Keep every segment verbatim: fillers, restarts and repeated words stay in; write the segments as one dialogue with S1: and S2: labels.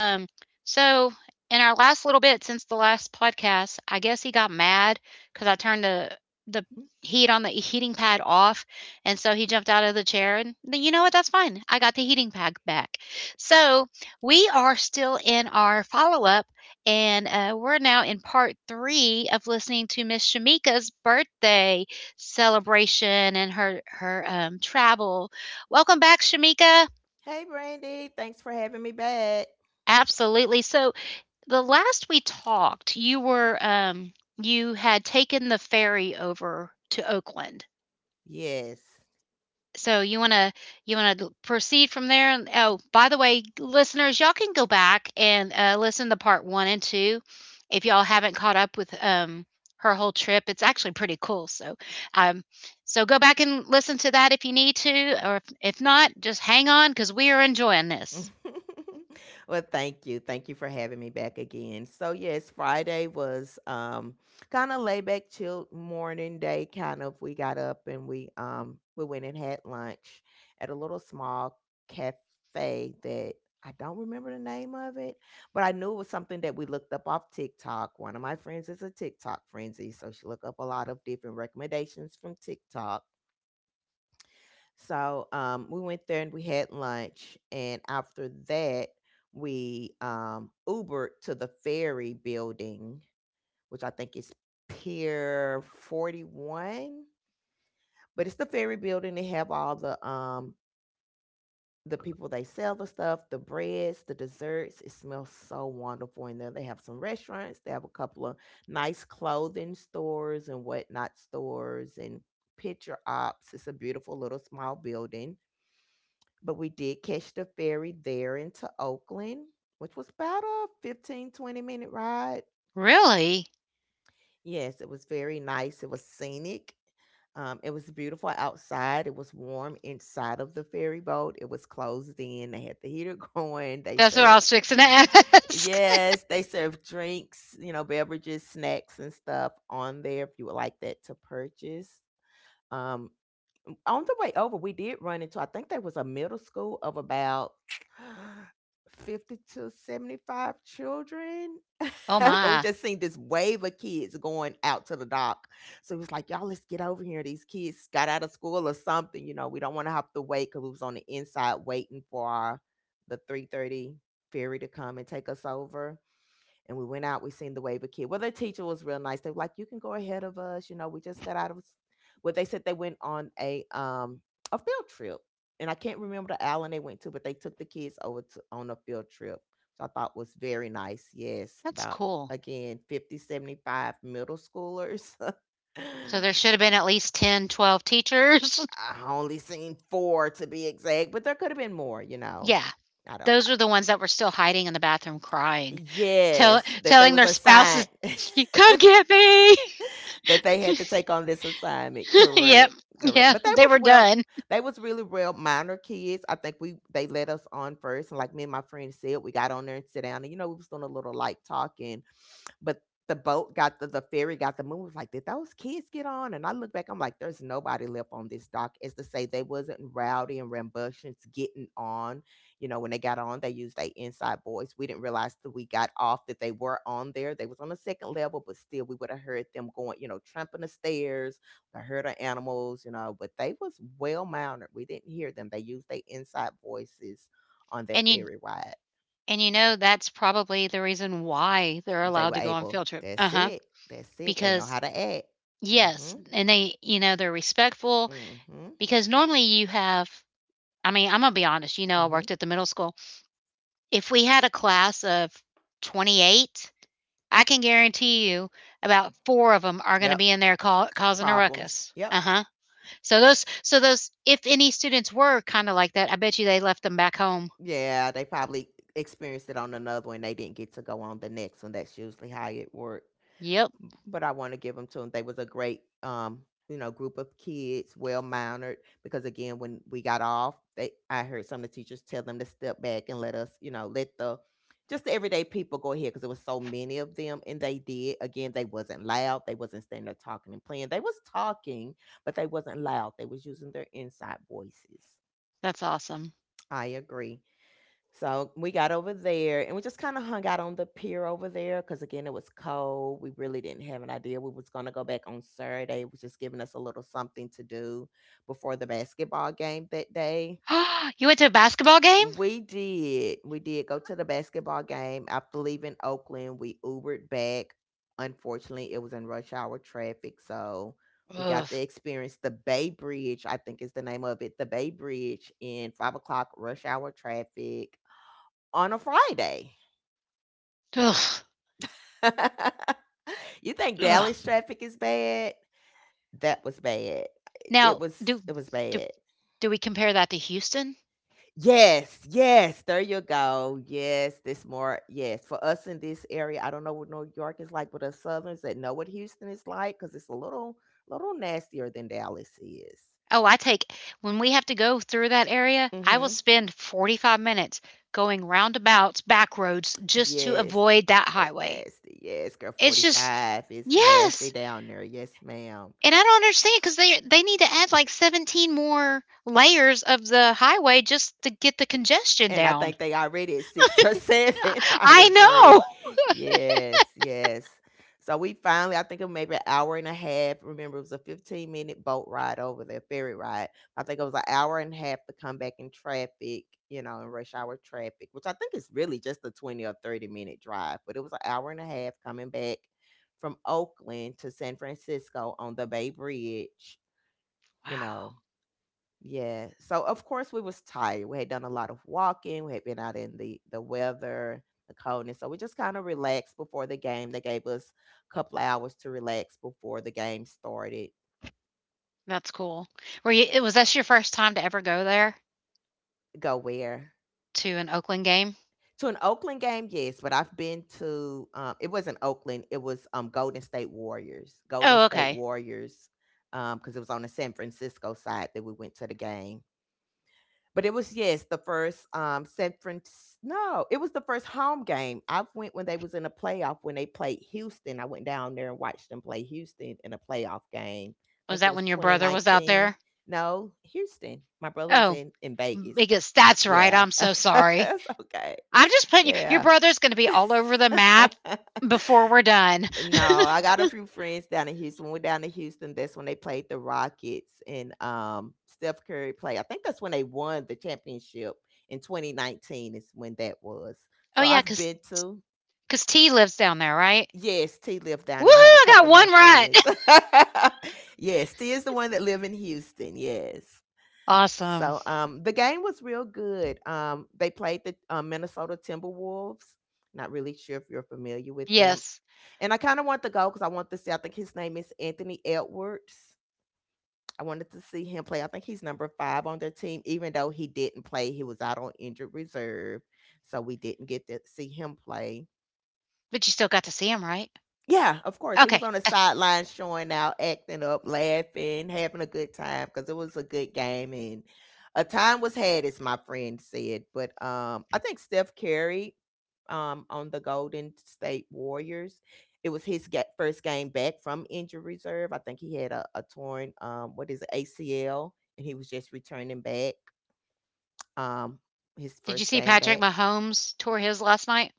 S1: so in our last little bit since the last podcast, I guess he got mad because I turned the the
S2: Mhm.
S1: heat on the heating pad off, and so he jumped out of the chair. And th- you know what? That's fine. I got the heating pad back. So we are still in our follow up, and uh, we're now in part three of listening to Miss Shamika's birthday celebration and her her um, travel. Welcome back, Shamika.
S2: Hey, Brandy. Thanks for having me back.
S1: Absolutely. So the last we talked, you were um you had taken the ferry over to Oakland.
S2: Yes.
S1: So you want to you want to proceed from there. And oh, by the way, listeners, y'all can go back and uh, listen to part one and two if y'all haven't caught up with um her whole trip. It's actually pretty cool. So um so go back and listen to that if you need to, or if, if not, just hang on because we are enjoying this.
S2: well, thank you. Thank you for having me back again. So, yes, Friday was um kind of laid back, chill morning day. Kind of, we got up and we um we went and had lunch at a little small cafe that I don't remember the name of it, but I knew it was something that we looked up off TikTok. One of my friends is a TikTok frenzy, so she looked up a lot of different recommendations from TikTok. So um, we went there and we had lunch, and after that, we um, Ubered to the Ferry Building, which I think is Pier Forty One, but it's the Ferry Building. They have all the um, the people they sell the stuff, the breads, the desserts. It smells so wonderful in there. They have some restaurants. They have a couple of nice clothing stores and whatnot stores and picture ops. It's a beautiful little small building. But we did catch the ferry there into Oakland, which was about a fifteen twenty minute ride.
S1: Really?
S2: Yes, it was very nice. It was scenic. Um, it was beautiful outside. It was warm inside of the ferry boat. It was closed in. They had the heater going. They
S1: That's what I
S2: served,
S1: was fixing to ask.
S2: yes, they served drinks, you know, beverages, snacks, and stuff on there if you would like that to purchase. Um, on the way over, we did run into I think there was a middle school of about fifty to seventy five children.
S1: Oh
S2: 'Cause
S1: my,
S2: we just seen this wave of kids going out to the dock. So it was like, y'all, let's get over here. These kids got out of school or something. You know, we don't want to have to wait because we was on the inside waiting for our, the three thirty ferry to come and take us over, and we went out. We seen the Waver Kid. Well, their teacher was real nice. They were like, "You can go ahead of us." You know, we just got out of. Well, they said they went on a um a field trip, and I can't remember the island they went to, but they took the kids over to on a field trip, which I thought was very nice. Yes,
S1: that's
S2: about
S1: cool.
S2: again fifty seventy five middle schoolers.
S1: So there should have been at least ten, twelve teachers.
S2: I only seen four to be exact, but there could have been more. You know,
S1: Yeah,
S2: I don't
S1: those are
S2: know.
S1: the ones that were still hiding in the bathroom crying, tell,
S2: Yes, that they
S1: telling
S2: was
S1: their spouses,
S2: assigned.
S1: "You come
S2: They
S1: get me."
S2: that they had to take on this assignment.
S1: Yep,
S2: Correct, correct.
S1: yeah,
S2: But they
S1: they
S2: was
S1: were
S2: well,
S1: done.
S2: they was really well minor kids. I think we they let us on first, and like me and my friend said, we got on there and sit down, and you know we was doing a little light talking, but the boat got the, the ferry got the move. Like, did those kids get on? And I look back, I'm like, there's nobody left on this dock. As to say they wasn't rowdy and rambunctious getting on. You know, when they got on, they used their inside voice. We didn't realize that we got off that they were on there. They was on the second level, but still we would have heard them going, you know, tramping the stairs, the herd of animals, you know, but they was well mounted. We didn't hear them. They used their inside voices on that
S1: And you
S2: ferry ride.
S1: and you know that's probably the reason why they're
S2: They
S1: allowed
S2: were
S1: to go on
S2: able.
S1: field trip. Uh
S2: That's
S1: huh.
S2: it. That's it. They know
S1: Because
S2: how to act. Mm
S1: yes,
S2: Mhm.
S1: and they you know they're respectful
S2: Mm Mhm. Mm
S1: because normally you have. I mean, I'm gonna be honest. You know, I
S2: Mhm.
S1: worked at the middle school. If we had a class of twenty-eight, I can guarantee you about four of them are gonna
S2: Yep.
S1: be in there cau causing a
S2: Problems.
S1: ruckus.
S2: Yep.
S1: Uh-huh. So those so those if any students were kinda like that, I bet you they left them back home.
S2: Yeah, they probably experienced it on another one. They didn't get to go on the next one. That's usually how it works.
S1: Yep,
S2: But I want to give them to them. They was a great, um, you know, group of kids, well mannered. Because again, when we got off, they I heard some of the teachers tell them to step back and let us, you know, let the just the everyday people go ahead because there was so many of them, and they did. Again, they wasn't loud. They wasn't standing there talking and playing. They was talking, but they wasn't loud. They was using their inside voices.
S1: that's awesome.
S2: I agree. So we got over there and we just kind of hung out on the pier over there because again it was cold. We really didn't have an idea we was gonna go back on Saturday. It was just giving us a little something to do before the basketball game that day.
S1: You went to a basketball game?
S2: We did. We did go to the basketball game. After leaving Oakland, we Ubered back. Unfortunately, it was in rush hour traffic, so we
S1: Ugh.
S2: got to experience the Bay Bridge, I think is the name of it, the Bay Bridge in five o'clock rush hour traffic on a Friday.
S1: Ugh.
S2: You think Dallas
S1: Ugh.
S2: traffic is bad? That was bad.
S1: Now
S2: It was
S1: do
S2: it was
S1: do
S2: bad.
S1: do we compare that to Houston?
S2: Yes, yes, there you go. Yes, this more yes. For us in this area, I don't know what New York is like, but us Southerns that know what Houston is like, because it's a little little nastier than Dallas is.
S1: Oh, I take when we have to go through that area, I will
S2: Mm-hmm.
S1: spend forty-five minutes going roundabouts, back roads, just to
S2: Yes,
S1: avoid that
S2: that
S1: highway.
S2: nasty. Yes, girl,
S1: It's just
S2: forty five is nasty
S1: Yes,
S2: down there. Yes, ma'am.
S1: and I don't understand because they they need to add like seventeen more layers of the highway just to get the congestion
S2: And I
S1: down.
S2: think they already at six or seven. I
S1: I know.
S2: agree. Yes, yes. So we finally, I think it maybe an hour and a half. Remember, it was a fifteen minute boat ride over there, ferry ride. I think it was an hour and a half to come back in traffic, you know, in rush hour traffic, which I think is really just a twenty or thirty minute drive. But it was an hour and a half coming back from Oakland to San Francisco on the Bay Bridge, you know.
S1: Wow,
S2: Yeah. So of course we was tired. We had done a lot of walking. We had been out in the the weather, the coldness. So we just kind of relaxed before the game. They gave us a couple of hours to relax before the game started.
S1: that's cool. Were you? it- Was that your first time to ever go there
S2: Go where?
S1: to an Oakland game?
S2: To an Oakland game, yes, but I've been to um it wasn't Oakland, it was um Golden State Warriors. Golden
S1: Oh,
S2: State
S1: okay.
S2: Warriors um because it was on the San Francisco side that we went to the game. But it was, yes, the first um San Francisco. No, it was the first home game. I went when they was in a playoff when they played Houston. I went down there and watched them play Houston in a playoff game. I
S1: Was
S2: think it
S1: that
S2: was
S1: when your brother was out
S2: twenty nineteen.
S1: there?
S2: No, Houston. My brother was
S1: Oh,
S2: in in Vegas.
S1: because that's right.
S2: Yeah.
S1: I'm so sorry.
S2: That's okay.
S1: I'm just putting you, your
S2: Yeah.
S1: brother's going to be all over the map before we're done.
S2: No, I got a few friends down in Houston. We're down in Houston. That's when they played the Rockets and um, Steph Curry played. I think that's when they won the championship in twenty nineteen. Is when that was.
S1: Oh,
S2: So
S1: yeah,
S2: I've
S1: because
S2: been to,
S1: because T lives down there, right?
S2: yes, T lived down
S1: Woohoo!
S2: there. I have a
S1: I got
S2: couple of my
S1: one right.
S2: friends. Yes, T is the one that live in Houston. Yes.
S1: Awesome.
S2: So um, the game was real good. Um, they played the uh, Minnesota Timberwolves. Not really sure if you're familiar with them.
S1: Yes.
S2: And I kind of want to go because I want to see. I think his name is Anthony Edwards. I wanted to see him play. I think he's number five on their team, even though he didn't play. He was out on injured reserve. So we didn't get to see him play.
S1: But you still got to see him, right?
S2: Yeah, of course. He was
S1: Okay.
S2: on the
S1: Uh,
S2: sideline showing out, acting up, laughing, having a good time because it was a good game and a time was had, as my friend said. But um, I think Steph Curry, um, on the Golden State Warriors, it was his ga- first game back from injury reserve. I think he had a, a torn, um, what is it, A C L, and he was just returning back, um, his
S1: Did you
S2: first
S1: see
S2: game
S1: Patrick
S2: back.
S1: Mahomes tore his last night?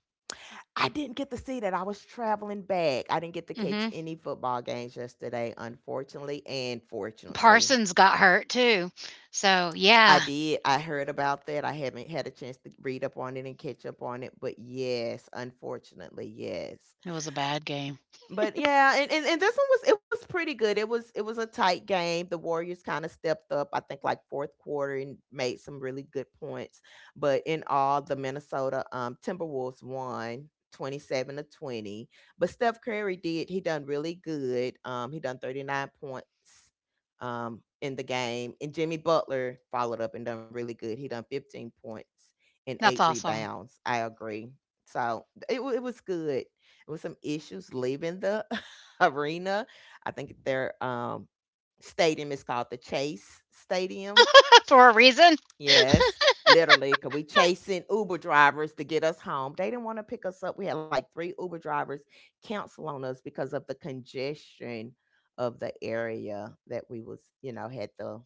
S2: I didn't get to see that. I was traveling back. I didn't get to
S1: Mm
S2: catch
S1: hmm.
S2: any football games yesterday, unfortunately and fortunately.
S1: Parsons got hurt too. So,
S2: I
S1: yeah,
S2: did. I heard about that. I haven't had a chance to read up on it and catch up on it, but yes, unfortunately, yes.
S1: it was a bad game.
S2: But yeah, and, and, and this one was it was pretty good. It was it was a tight game. The Warriors kind of stepped up, I think like fourth quarter and made some really good points. But in all, the Minnesota um Timberwolves won twenty seven to twenty. But Steph Curry did he done really good. Um he done thirty nine points um in the game. And Jimmy Butler followed up and done really good. He done fifteen points and eight
S1: That's awesome.
S2: rebounds. I agree. So it, wa- it was good with some issues leaving the arena. I think their um, stadium is called the Chase Stadium.
S1: For a reason.
S2: Yes, literally, because we chasing Uber drivers to get us home. They didn't want to pick us up. We had like three Uber drivers cancel on us because of the congestion of the area that we was, you know, had to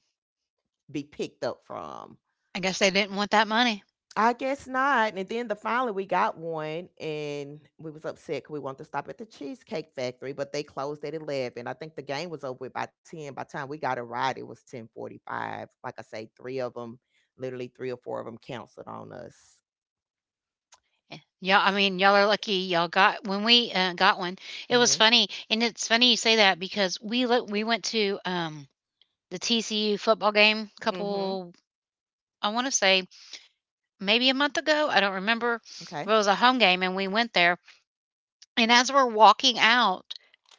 S2: be picked up from.
S1: I guess they didn't want that money.
S2: I guess not. And then the finally we got one and we was upset 'cause we wanted to stop at the Cheesecake Factory, but they closed at eleven. I think the game was over with by ten. By the time we got a ride, it was ten forty-five. Like I say, three of them, literally three or four of them canceled on us.
S1: Eh, yeah, I
S2: S-
S1: mean, y'all are lucky. Y'all got when we uh, got one. It was
S2: Mhm.
S1: funny, and it's funny you say that because we look. we went to um the T C U football game.
S2: Mhm.
S1: Couple, I want to say maybe a month ago. I don't remember.
S2: Okay.
S1: But it was a home game, and we went there. And as we're walking out,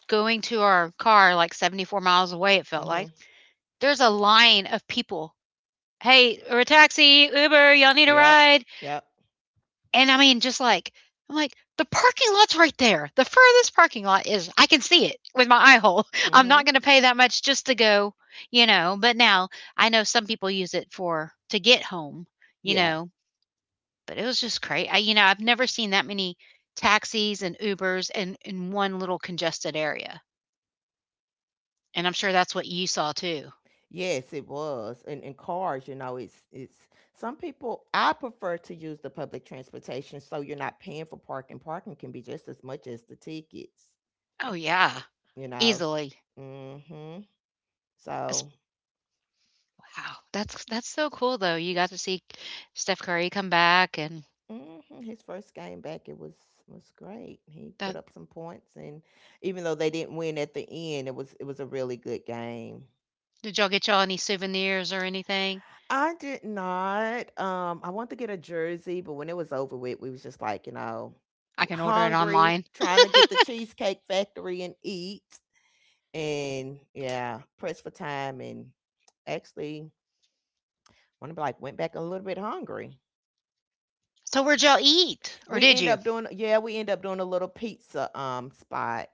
S1: going to our car, like seventy four miles away, it felt like
S2: Mhm.
S1: there's a line of people. Hey, or a taxi, Uber. Y'all need a
S2: Yep.
S1: ride?
S2: Yep.
S1: And I mean, just like I'm like, "The parking lot's right there. The furthest parking lot is I can see it with my eye hole. I'm not
S2: Mhm.
S1: gonna pay that much just to go," you know? But now I know some people use it for to get home, you
S2: Yeah.
S1: know? But it was just crazy. I you know, I've never seen that many taxis and Ubers in in one little congested area, and I'm sure that's what you saw too.
S2: Yes, it was. And in cars, you know, it's it's some people I prefer to use the public transportation so you're not paying for parking. Parking can be just as much as the tickets,
S1: Oh, yeah,
S2: you know.
S1: easily.
S2: mm Mhm.
S1: It's
S2: So,
S1: Wow, that's that's so cool, though. You got to see Steph Curry come back, and
S2: mhm, his first game back it was was great. He put
S1: that
S2: up some points and even though they didn't win at the end, it was it was a really good game.
S1: Did y'all get y'all any souvenirs or anything?
S2: I did not um I wanted to get a jersey, but when it was over with, we was just like, you know,
S1: I can order it
S2: hungry,
S1: online.
S2: trying to get the Cheesecake Factory and eat. And yeah, pressed for time and actually want to be like went back a little bit hungry.
S1: So where'd y'all eat? Or
S2: We
S1: did
S2: end
S1: you?
S2: up doing yeah, we end up doing a little pizza um spot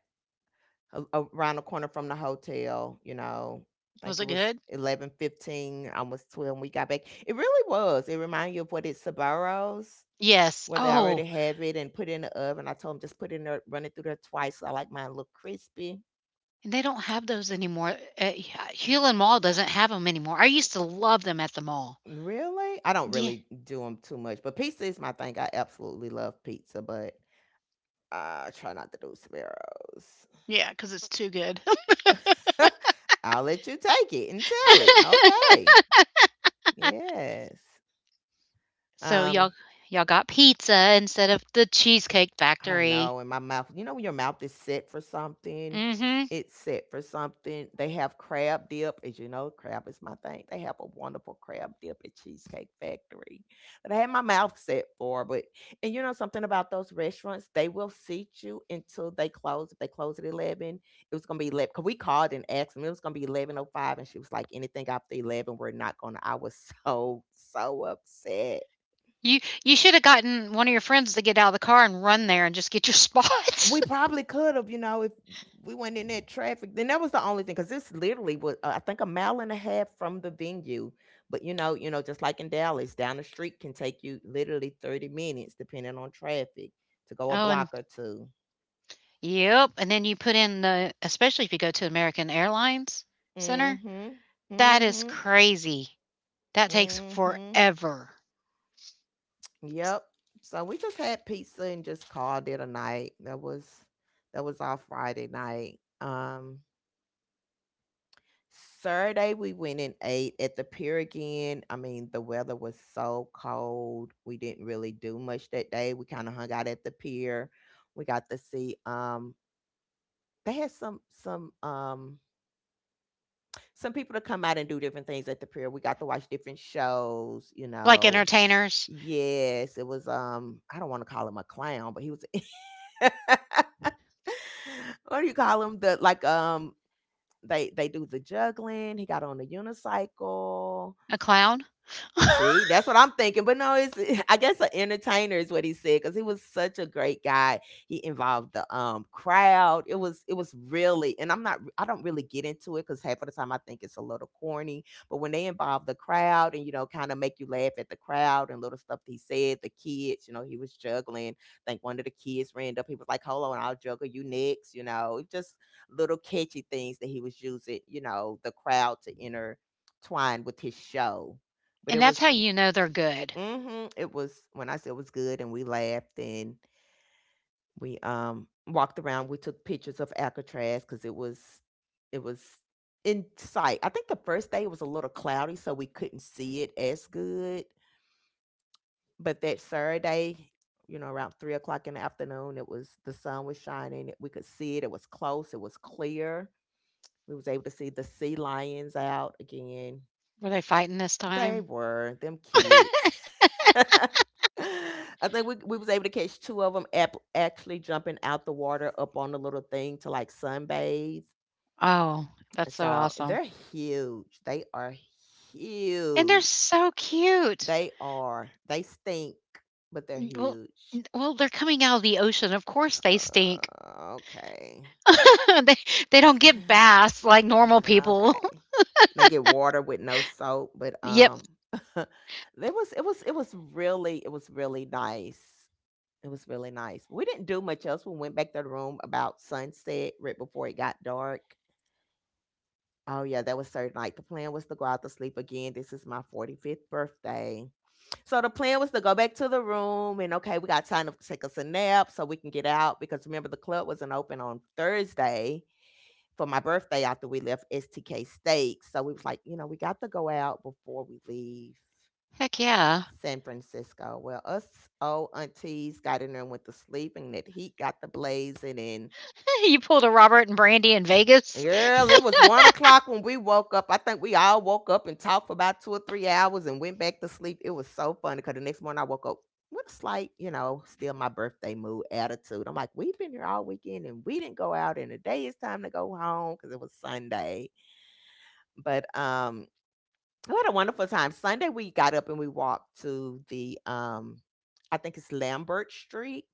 S2: a- around the corner from the hotel, you know. I think
S1: Was
S2: it
S1: it
S2: was
S1: good?
S2: eleven fifteen, almost twelve when we got back. It really was. It reminded you of what it's Sabaros,
S1: Yes.
S2: where they already
S1: Oh,
S2: have it and put it in the oven. I told them just put it in there, run it through there twice. So I like mine a little crispy.
S1: and they don't have those anymore. Uh, Hewlin Mall doesn't have them anymore. I used to love them at the mall.
S2: Really? I don't
S1: Yeah.
S2: really do them too much, but pizza is my thing. I absolutely love pizza, but I try not to do Sparrows.
S1: Yeah, because it's too good.
S2: I'll let you take it and tell it. Okay. Yes.
S1: so
S2: Um
S1: y'all y'all got pizza instead of the Cheesecake
S2: I
S1: Factory.
S2: know, and my mouth, you know when your mouth is set for something?
S1: Mm-hmm.
S2: It's set for something. They have crab dip, as you know, crab is my thing. They have a wonderful crab dip at Cheesecake Factory that I had my mouth set for, but and you know something about those restaurants, they will seat you until they close. If they close at eleven, it was gonna be because we called and asked them, it was gonna be eleven oh five, and she was like, anything after eleven, we're not gonna. I was so, so upset.
S1: You you should have gotten one of your friends to get out of the car and run there and just get your spot.
S2: We probably could have, you know, if we went in that traffic. Then that was the only thing because this literally was, uh, I think, a mile and a half from the venue. But you know, you know, just like in Dallas, down the street can take you literally thirty minutes, depending on traffic, to go a
S1: oh, and
S2: block or two.
S1: Yep, and then you put in the especially if you go to American Airlines Center,
S2: Mm-hmm.
S1: that is
S2: Mm-hmm.
S1: crazy. That takes
S2: Mm-hmm.
S1: forever.
S2: Yep. So we just had pizza and just called it a night. That was that was our Friday night. Um, Saturday we went and ate at the pier again. I mean, the weather was so cold. We didn't really do much that day. We kind of hung out at the pier. We got to see um they had some some um some people to come out and do different things at the pier. We got to watch different shows, you
S1: Like
S2: know.
S1: entertainers,
S2: Yes, it was um I don't want to call him a clown, but he was what do you call him? The like um they they do the juggling. He got on the unicycle.
S1: a clown.
S2: See, that's what I'm thinking. But no, it's I guess an entertainer is what he said because he was such a great guy. He involved the um crowd. It was it was really, and I'm not I don't really get into it because half of the time I think it's a little corny. But when they involve the crowd and you know kind of make you laugh at the crowd and little stuff he said, the kids, you know, he was juggling. I think one of the kids ran up. He was like, "Hold on, I'll juggle you next." You know, it just little catchy things that he was using. You know, the crowd to intertwine with his show but
S1: And
S2: it
S1: that's
S2: was
S1: how you know they're good.
S2: Mhm. It was when I said it was good and we laughed and we um walked around. We took pictures of Alcatraz because it was it was in sight. I think the first day it was a little cloudy, so we couldn't see it as good. But that Saturday, you know, around three o'clock in the afternoon, it was the sun was shining. We could see it. It was close. It was clear. We was able to see the sea lions out again.
S1: Were they fighting this
S2: They
S1: time?
S2: were, them kids. I think we we was able to catch two of them. Ap actually jumping out the water up on the little thing to, like, sunbathe.
S1: Oh, that's so
S2: So,
S1: awesome.
S2: they're huge. They are
S1: And they're
S2: huge.
S1: so cute.
S2: They are. They stink, but they're
S1: Mm, well
S2: huge.
S1: n well, they're coming out of the ocean, of course they stink.
S2: Uh, okay.
S1: They they don't get baths like normal people.
S2: Okay. They get water with no soap, but,
S1: Yep.
S2: um, it was it was it was really it was really nice. It was really nice. We didn't do much else. We went back to the room about sunset, right before it got dark. Oh yeah, that was Thursday night. The plan was to go out to sleep again. This is my forty-fifth birthday. So the plan was to go back to the room and okay, we got time to take us a nap so we can get out because remember the club wasn't open on Thursday for my birthday after we left S T K Steaks. So we was like, you know, we got to go out before we leave
S1: Heck yeah.
S2: San Francisco. Well, us old aunties got in there and went to sleep, and that heat got the blazing. And
S1: You pulled a Robert and Brandy in Vegas?
S2: girl, it was one o'clock when we woke up. I think we all woke up and talked for about two or three hours and went back to sleep. It was so funny because the next morning I woke up with a slight, you know, still my birthday mood attitude. I'm like, we've been here all weekend and we didn't go out, and today it's time to go home because it was Sunday. But um, We had a wonderful time. Sunday, we got up and we walked to the, um, I think it's Lambert Street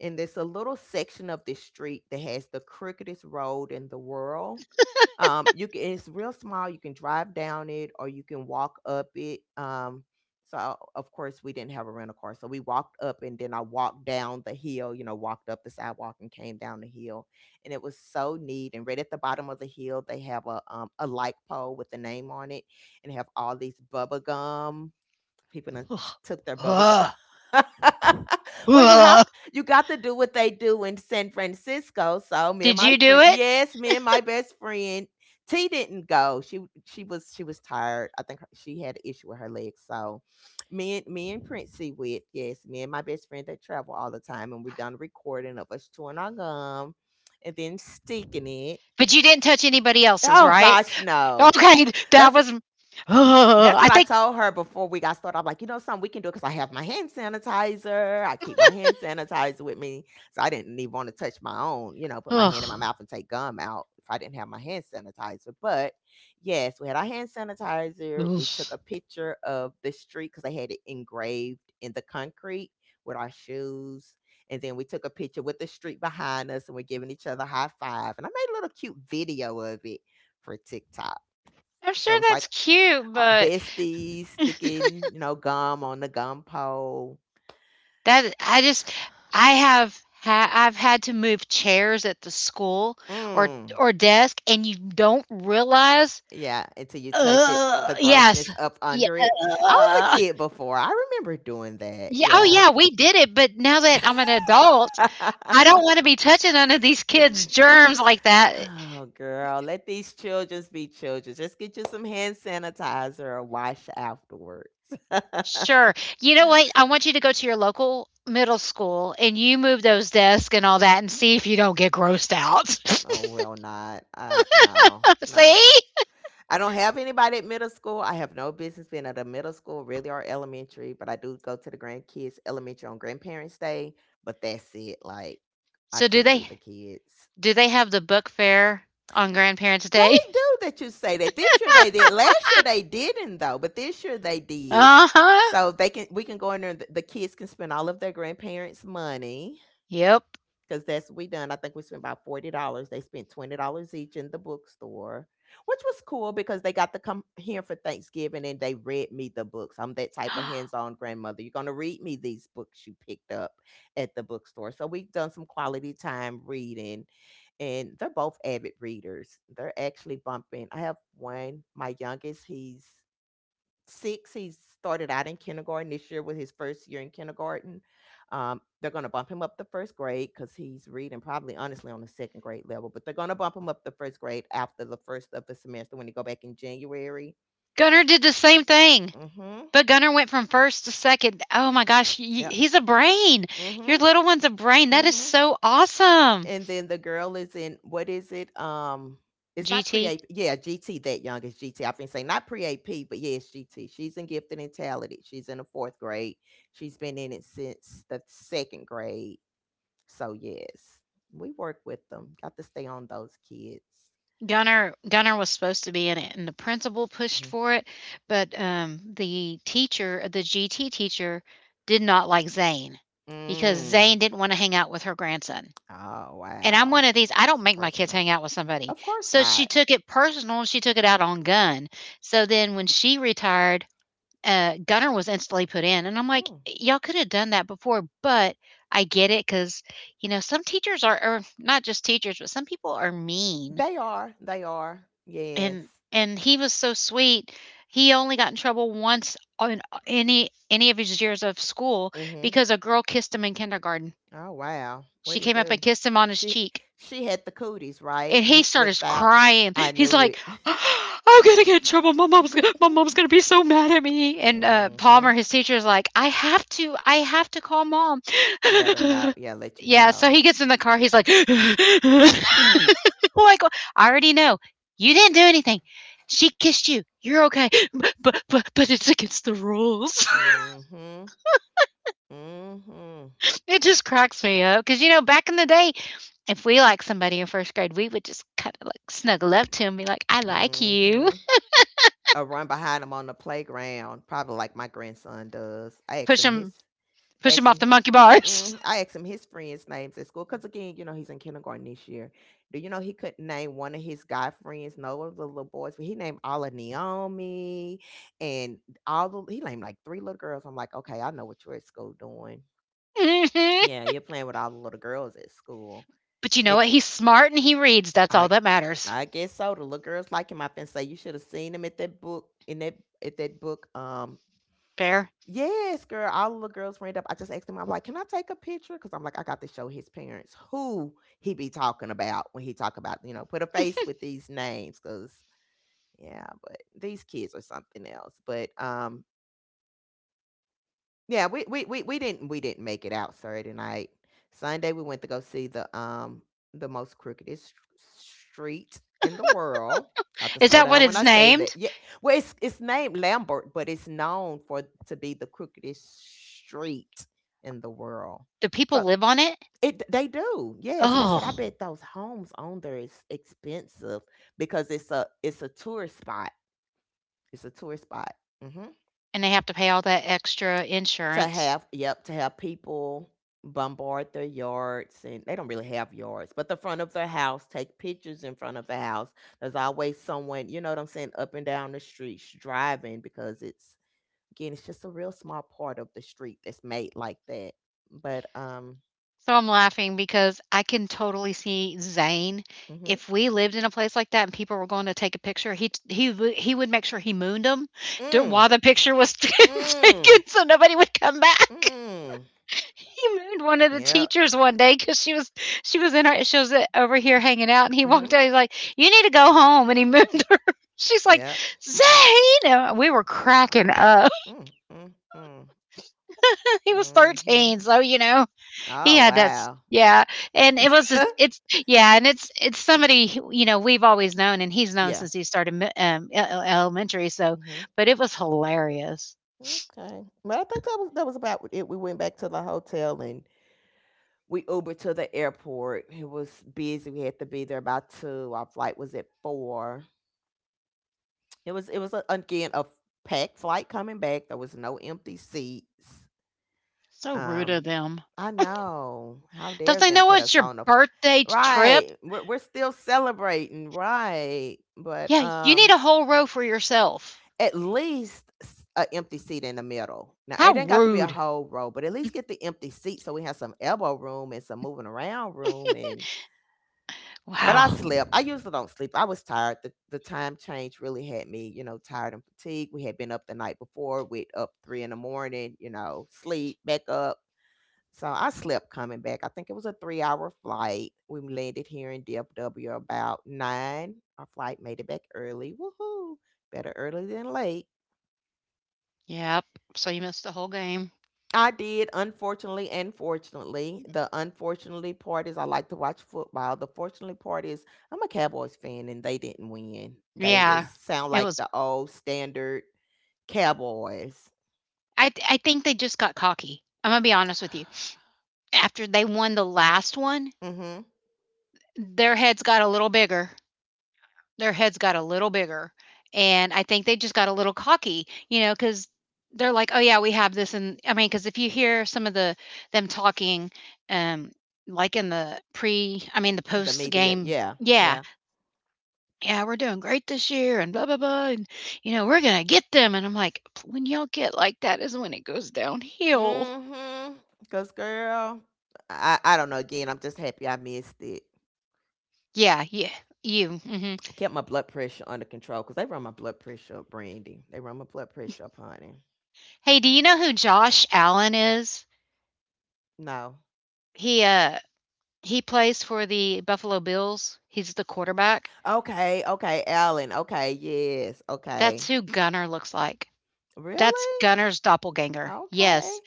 S2: and there's a little section of this street that has the crookedest road in the world. Um, you can it's real small. You can drive down it or you can walk up it. Um, so of course we didn't have a rental car, so we walked up and then I walked down the hill. You know, walked up the sidewalk and came down the hill, and it was so neat. And right at the bottom of the hill, they have a um, a light pole with the name on it, and have all these bubble gum people done t- took their bubble gum.
S1: Did
S2: well, you have you got to do what they do in San Francisco. So me and my
S1: you do
S2: friend,
S1: it?
S2: yes, me and my best friend T didn't go. She she was she was tired. I think her, she had an issue with her legs. So me and me and Princey went. Yes, me and my best friend that travel all the time, and we done a recording of us chewing our gum and then sticking it.
S1: But you didn't touch anybody else's,
S2: Oh
S1: right?
S2: gosh, no.
S1: Okay, that
S2: That's
S1: was. Uh,
S2: that's what
S1: I
S2: I
S1: think.
S2: told her before we got started. I'm like, you know something, we can do it because I have my hand sanitizer. I keep my hand sanitizer with me. So I didn't even want to touch my own, you know, put my hand in my
S1: Ugh.
S2: mouth and take gum out if I didn't have my hand sanitizer. But yes, we had our hand sanitizer.
S1: I'm
S2: We took a picture of the street because they had it engraved in the concrete with our shoes. And then we took a picture with the street behind us and we're giving each other a high five. And I made a little cute video of it for TikTok. So it
S1: sure
S2: was
S1: that's
S2: like
S1: cute,
S2: uh,
S1: but
S2: besties sticking, you know, gum on the gum pole.
S1: that I just I have ha- I've had to move chairs at the school or
S2: Mm.
S1: or desk, and you don't realize.
S2: Yeah, until you touch it,
S1: Uh,
S2: the
S1: yes,
S2: grossness up
S1: yeah,
S2: under it. I was a kid before. I remember doing that.
S1: yeah. Oh,
S2: Yeah.
S1: yeah. We did it, but now that I'm an adult, I don't wanna be touching none of these kids' germs like that.
S2: oh, girl, let these children be children. Just get you some hand sanitizer or wash afterwards. oh,
S1: Sure. You know what? I want you to go to your local middle school, and you move those desks and all that, and see if you don't get grossed out.
S2: well, not. Uh, no, no.
S1: See?
S2: I don't have anybody at middle school. I have no business being at a middle school, really, or elementary, but I do go to the grandkids elementary on grandparents' day, but that's it. Like, I
S1: So do
S2: can't do the
S1: they
S2: kids.
S1: do they have the book fair on Grandparents'
S2: They
S1: Day?
S2: do that you say that. This year they did. Last year they didn't though, but this year they did.
S1: Uh-huh.
S2: So they can we can go in there and the the kids can spend all of their grandparents' money
S1: Yep.
S2: because that's what we done. I think we spent about forty dollars. They spent twenty dollars each in the bookstore, which was cool because they got to come here for Thanksgiving and they read me the books. I'm that type of hands-on grandmother. You're gonna read me these books you picked up at the bookstore. So we have done some quality time reading, and they're both avid readers. They're actually bumping. I have one, my youngest. He's six. He started out in kindergarten. This year was his first year in kindergarten. Um, they're going to bump him up the first grade because he's reading probably honestly on the second grade level, but they're going to bump him up the first grade after the first of the semester when they go back in January.
S1: Gunner did the same thing,
S2: Mm-hmm.
S1: but Gunner went from first to second. Oh my gosh, y
S2: Yep.
S1: he's a brain.
S2: Mm-hmm.
S1: Your little one's a brain. That is
S2: Mm-hmm.
S1: so awesome,
S2: And then the girl is in what is it? Um, it's not pre
S1: G T.
S2: A P. Yeah, G T, that young is GT. I've been saying not pre A P, but yeah, it's G T. She's in gifted and talented. She's in the fourth grade. She's been in it since the second grade. So yes, we work with them. Got to stay on those kids.
S1: Gunner Gunner was supposed to be in it, and the principal pushed
S2: Mhm.
S1: for it, but um, the teacher, the G T teacher, did not like Zane because
S2: Mm.
S1: Zane didn't want to hang out with her grandson.
S2: Oh
S1: And I'm
S2: wow,
S1: one of these. I don't
S2: it's
S1: make my kids
S2: personal.
S1: hang out with somebody,
S2: Of course
S1: so she
S2: not.
S1: took it personal, and she took it out on Gun. So then when she retired, uh, Gunner was instantly put in, and I'm like,
S2: Mm.
S1: y'all could have done that before, but. I get it because, you know, some teachers are, or not just teachers, but some people are mean
S2: They are. They are. Yes.
S1: and and he was so sweet. He only got in trouble once on any any of his years of school
S2: Mhm.
S1: because a girl kissed him in kindergarten.
S2: Oh wow. What
S1: She
S2: would he
S1: came up and
S2: do?
S1: kissed him on his
S2: She
S1: cheek
S2: she had the cooties, right?
S1: and he
S2: He
S1: started
S2: flipped out.
S1: crying.
S2: I
S1: He's
S2: knew
S1: like,
S2: it.
S1: "I'm gonna get in trouble. My mom's gonna, my mom's gonna be so mad at me." And uh, Palmer,
S2: mhm.
S1: his teacher, is like, "I have to, I have to call mom."
S2: Let her know. Yeah, let you
S1: Yeah, so
S2: know.
S1: he gets in the car. He's like, "Like, I already know you didn't do anything. She kissed you. You're okay, but but but it's against the rules."
S2: Mhm. Mhm.
S1: It just cracks me up because you know, back in the day, if we liked somebody in first grade, we would just kind of like snuggle up to him, and be like, "I like you."
S2: Mhm. Or run behind him on the playground, probably like my grandson does. I asked
S1: push
S2: him his
S1: him push him
S2: asked
S1: off
S2: him
S1: the monkey bars.
S2: mm, I asked him his friends' names at school because again, you know, he's in kindergarten this year. Do you know he couldn't name one of his guy friends, no of the little boys, but he named all of Naomi and all the he named like three little girls. I'm like, okay, I know what you're at school doing.
S1: Mhm.
S2: Yeah, you're playing with all the little girls at school.
S1: But you know what?
S2: It
S1: He's smart and he reads. That's all
S2: I
S1: that matters.
S2: I guess so. The little girls like him. I been say you should have seen him at that book in that at that book um
S1: Fair.
S2: Yes, girl. All the girls ran up. I just asked him, I'm like, can I take a picture? Because I'm like, I got to show his parents who he be talking about when he talk about, you know, put a face with these names. Cause yeah, but these kids are something else. But um, Yeah, we we we we didn't we didn't make it out Saturday night. Sunday we went to go see the um the most crookedest st- street in the world. Got to
S1: Is
S2: slow
S1: that what
S2: down when
S1: it's
S2: I say that.
S1: named?
S2: Yeah, well, it's it's named Lambert, but it's known for to be the crookedest street in the world.
S1: Do people
S2: So
S1: live on it?
S2: it they do, yes. And I said, I
S1: Oh,
S2: bet those homes on there is expensive because it's a it's a tourist spot. It's a tourist spot. Mm-hmm.
S1: and they have to pay all that extra
S2: To
S1: insurance.
S2: have yep, to have people bombard their yards, and they don't really have yards, but the front of their house, take pictures in front of the house. There's always someone, you know what I'm saying, up and down the streets driving because it's again, it's just a real small part of the street that's made like that. But, um,
S1: So I'm laughing because I can totally see Zane.
S2: mhm.
S1: If we lived in a place like that and people were going to take a picture, he he would- he would make sure he mooned them
S2: Mm,
S1: while the picture was
S2: mm,
S1: taken, so nobody would come back.
S2: mm.
S1: He mooned one of the
S2: Yep.
S1: teachers one day because she was she was in her she was uh, over here hanging out, and he walked
S2: Mhm.
S1: out. He's like, "You need to go home," and he
S2: Mm,
S1: mooned her. She's like,
S2: yep.
S1: "Zane," and we were
S2: Wow.
S1: cracking up.
S2: Mm, mm, mm.
S1: He was
S2: Mhm.
S1: thirteen, so you know he
S2: Oh,
S1: had that. s-
S2: wow.
S1: Yeah, and it was a- it's yeah, and it's it's somebody who, you know we've always known, and he's known
S2: Yeah.
S1: since he started mi- um, e- e- elementary. So,
S2: Mhm.
S1: but it was hilarious.
S2: Okay. Well, I think that was that was about it. We went back to the hotel and we Ubered to the airport. It was busy. We had to be there by two. Our flight was at four. It was it was a, again a packed flight coming back. There was no empty seats.
S1: So rude
S2: Um,
S1: of them.
S2: I know. How
S1: Don't
S2: dare
S1: they
S2: them
S1: know
S2: put
S1: it's
S2: us
S1: your
S2: on a f-
S1: birthday trip?
S2: right. We're we're still celebrating, right? But
S1: Yeah, you need
S2: um,
S1: a whole row for yourself.
S2: At least an empty seat in the middle. Now
S1: How
S2: it ain't got to be a
S1: rude.
S2: whole row, but at least get the empty seat so we have some elbow room and some moving around room. And but I
S1: Wow.
S2: slept. I usually don't sleep. I was tired. The the time change really had me, you know, tired and fatigued. We had been up the night before. We'd up three in the morning, you know, sleep back up. So I slept coming back. I think it was a three hour flight. We landed here in D F W about nine. Our flight made it back early. Woohoo! Better early than late.
S1: Yep. So you missed the whole game.
S2: I did, unfortunately and fortunately. The unfortunately part is I like to watch football. The fortunately part is I'm a Cowboys fan and they didn't win. They was
S1: Yeah.
S2: sound
S1: It
S2: like
S1: was
S2: the old standard Cowboys.
S1: I th I think they just got cocky. I'm gonna be honest with you. After they won the last one,
S2: Mhm.
S1: their heads got a little bigger. Their heads got a little bigger, and I think they just got a little cocky, you know, because 'cause they're like, "Oh, yeah, we have this," and I mean, because if you hear some of the them talking, um, like in the pre I mean, the
S2: The media.
S1: post-game.
S2: Yeah.
S1: Yeah.
S2: Yeah.
S1: Yeah, we're doing great this year and blah, blah, blah. And, you know, we're going to get them. And I'm like, when y'all get like that is when it goes downhill.
S2: Mhm. Cuz girl, I I don't know again. I'm just happy I missed it.
S1: Yeah, yeah, you. Hmm.
S2: Kept my blood pressure under control cuz they run my blood pressure up, Brandy. They run my blood pressure up, honey.
S1: Hey, do you know who Josh Allen is?
S2: No.
S1: He uh he plays for the Buffalo Bills. He's the quarterback.
S2: Okay, okay, Alan. Okay, yes.
S1: That's
S2: Okay.
S1: who Gunner looks like. That's
S2: Really?
S1: Gunner's doppelganger.
S2: Okay.
S1: Yes,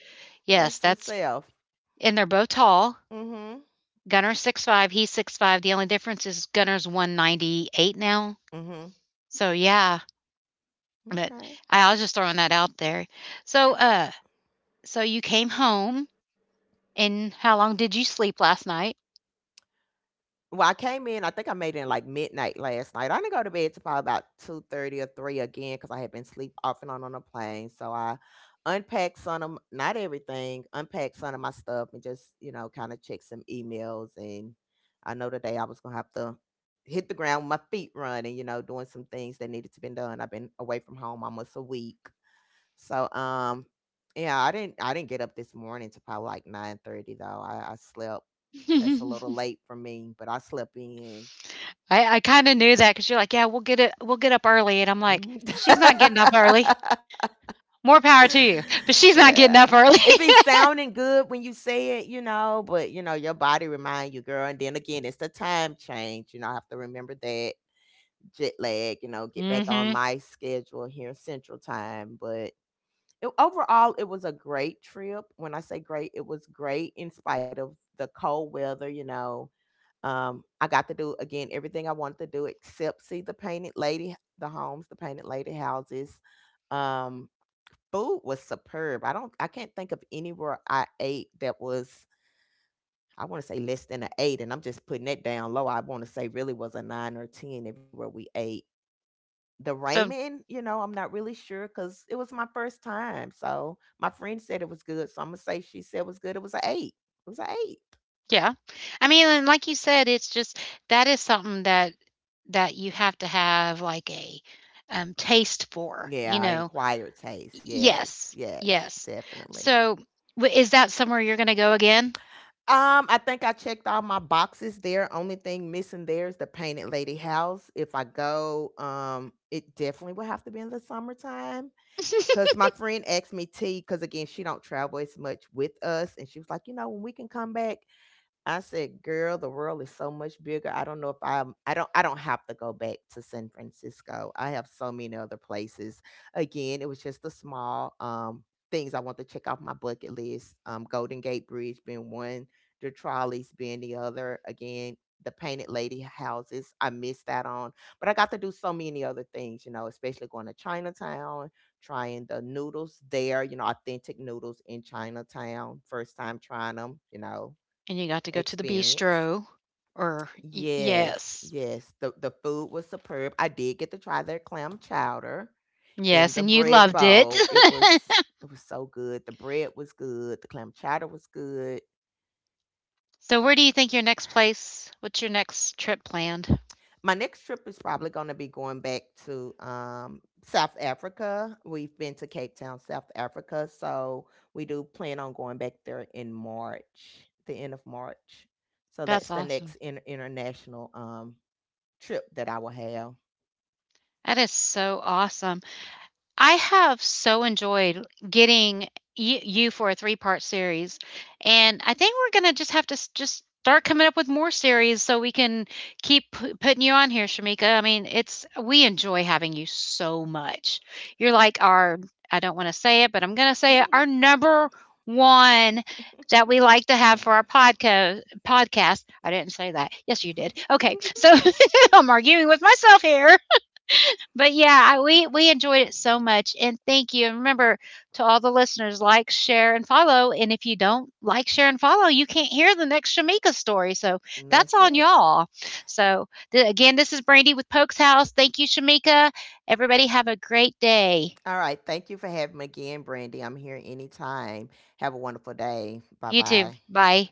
S2: And
S1: yes,
S2: some
S1: that's
S2: self.
S1: and they're both tall.
S2: Mm-hmm.
S1: Gunner's six five. He's six five. The only difference is Gunner's one ninety eight now.
S2: Mm-hmm.
S1: So yeah, but
S2: Okay.
S1: I was just throwing that out there. So, uh, so you came home, and how long did you sleep last night?
S2: Well, I came in, I think I made it in like midnight last night. I didn't go to bed till probably about two thirty or three again because I had been sleep off and on on the plane. So I unpacked some of, m- not everything, unpacked some of my stuff and just, you know, kind of checked some emails. And I know today I was going to have to hit the ground with my feet running, you know, doing some things that needed to be done. I've been away from home almost a week. So um yeah, I didn't I didn't get up this morning to probably like nine thirty though. I, I slept, that's a little
S1: I,
S2: late for me, but I slept in.
S1: I kind of knew that because you're like, yeah, we'll get it, we'll get up early, and I'm like,
S2: Mhm.
S1: she's not getting up early. More power to you, but she's not
S2: yeah.
S1: getting up early.
S2: It be sounding good when you say it, you know, but you know, your body remind you, girl. And then again, it's the time change. You know, I have to remember that jet lag, you know, get back on
S1: hmm
S2: my schedule here central time. But it, overall it was a great trip. When I say great, it was great in spite of the cold weather, you know. um I got to do again everything I wanted to do except see the painted lady the homes the painted lady houses. um Food was superb. i don't I can't think of anywhere I ate that was, I want to say, less than an eight, and I'm just putting that down low. I want to say really was a nine or a ten everywhere we ate. The
S1: So
S2: ramen, you know, I'm not really sure because it was my first time. So my friend said it was good. So I'm gonna say she said it was good. It was an eight. It was an eight.
S1: yeah, I mean, and like you said, it's just that is something that that you have to have like a um, taste for, you
S2: Yeah,
S1: know,
S2: inquired taste. Yes,
S1: Yes,
S2: yes,
S1: yes.
S2: definitely.
S1: So, w is that somewhere you're gonna go again?
S2: Um, I think I checked all my boxes there. Only thing missing there is the painted lady house. If I go, um, it definitely will have to be in the summertime. Cause my friend asked me T, cause again, she don't travel as much with us. And she was like, you know, when we can come back, I said, "Girl, the world is so much bigger. I don't know if I'm. I don't. I don't have to go back to San Francisco. I have so many other places. Again, it was just the small um things I want to check off my bucket list. Um, Golden Gate Bridge being one, the trolleys being the other. Again, the Painted Lady houses. I missed that on, but I got to do so many other things. You know, especially going to Chinatown, trying the noodles there. You know, authentic noodles in Chinatown. First time trying them. You know."
S1: And you got to go to the
S2: Experience.
S1: bistro or Y
S2: Yes,
S1: yes.
S2: yes. The the food was superb. I did get to try their clam chowder in
S1: Yes,
S2: the
S1: and you
S2: bread
S1: loved it.
S2: bowl. It was it was so good. The bread was good. The clam chowder was good.
S1: So, where do you think your next place what's your next trip planned?
S2: My next trip is probably going to be going back to um, South Africa. We've been to Cape Town, South Africa, so we do plan on going back there in March, the end of March. So
S1: That's
S2: that's the
S1: awesome.
S2: next in- international um, trip that I will have.
S1: That is so awesome. I have so enjoyed getting you, you for a three part series, and I think we're gonna just have to s- just start coming up with more series so we can keep p- putting you on here, Shamika. I mean, it's we enjoy having you so much. You're like our, I don't want to say it, but I'm gonna say it, our number one that we like to have
S2: Mm.
S1: for our podcast podcast. I didn't say that. Yes, you did. Okay. So I'm arguing with myself here. But yeah, I we we enjoyed it so much, and thank you. And remember to all the listeners, like, share, and follow. And if you don't like, share, and follow, you can't hear the next Shamika story. So
S2: And
S1: that's
S2: that's
S1: on
S2: it.
S1: y'all. So th- again, this is Brandy with Pokes House. Thank you, Shamika. Everybody have a great day.
S2: All right. Thank you for having me again, Brandy. I'm here anytime. Have a wonderful day. Bye
S1: You too.
S2: bye.
S1: Bye.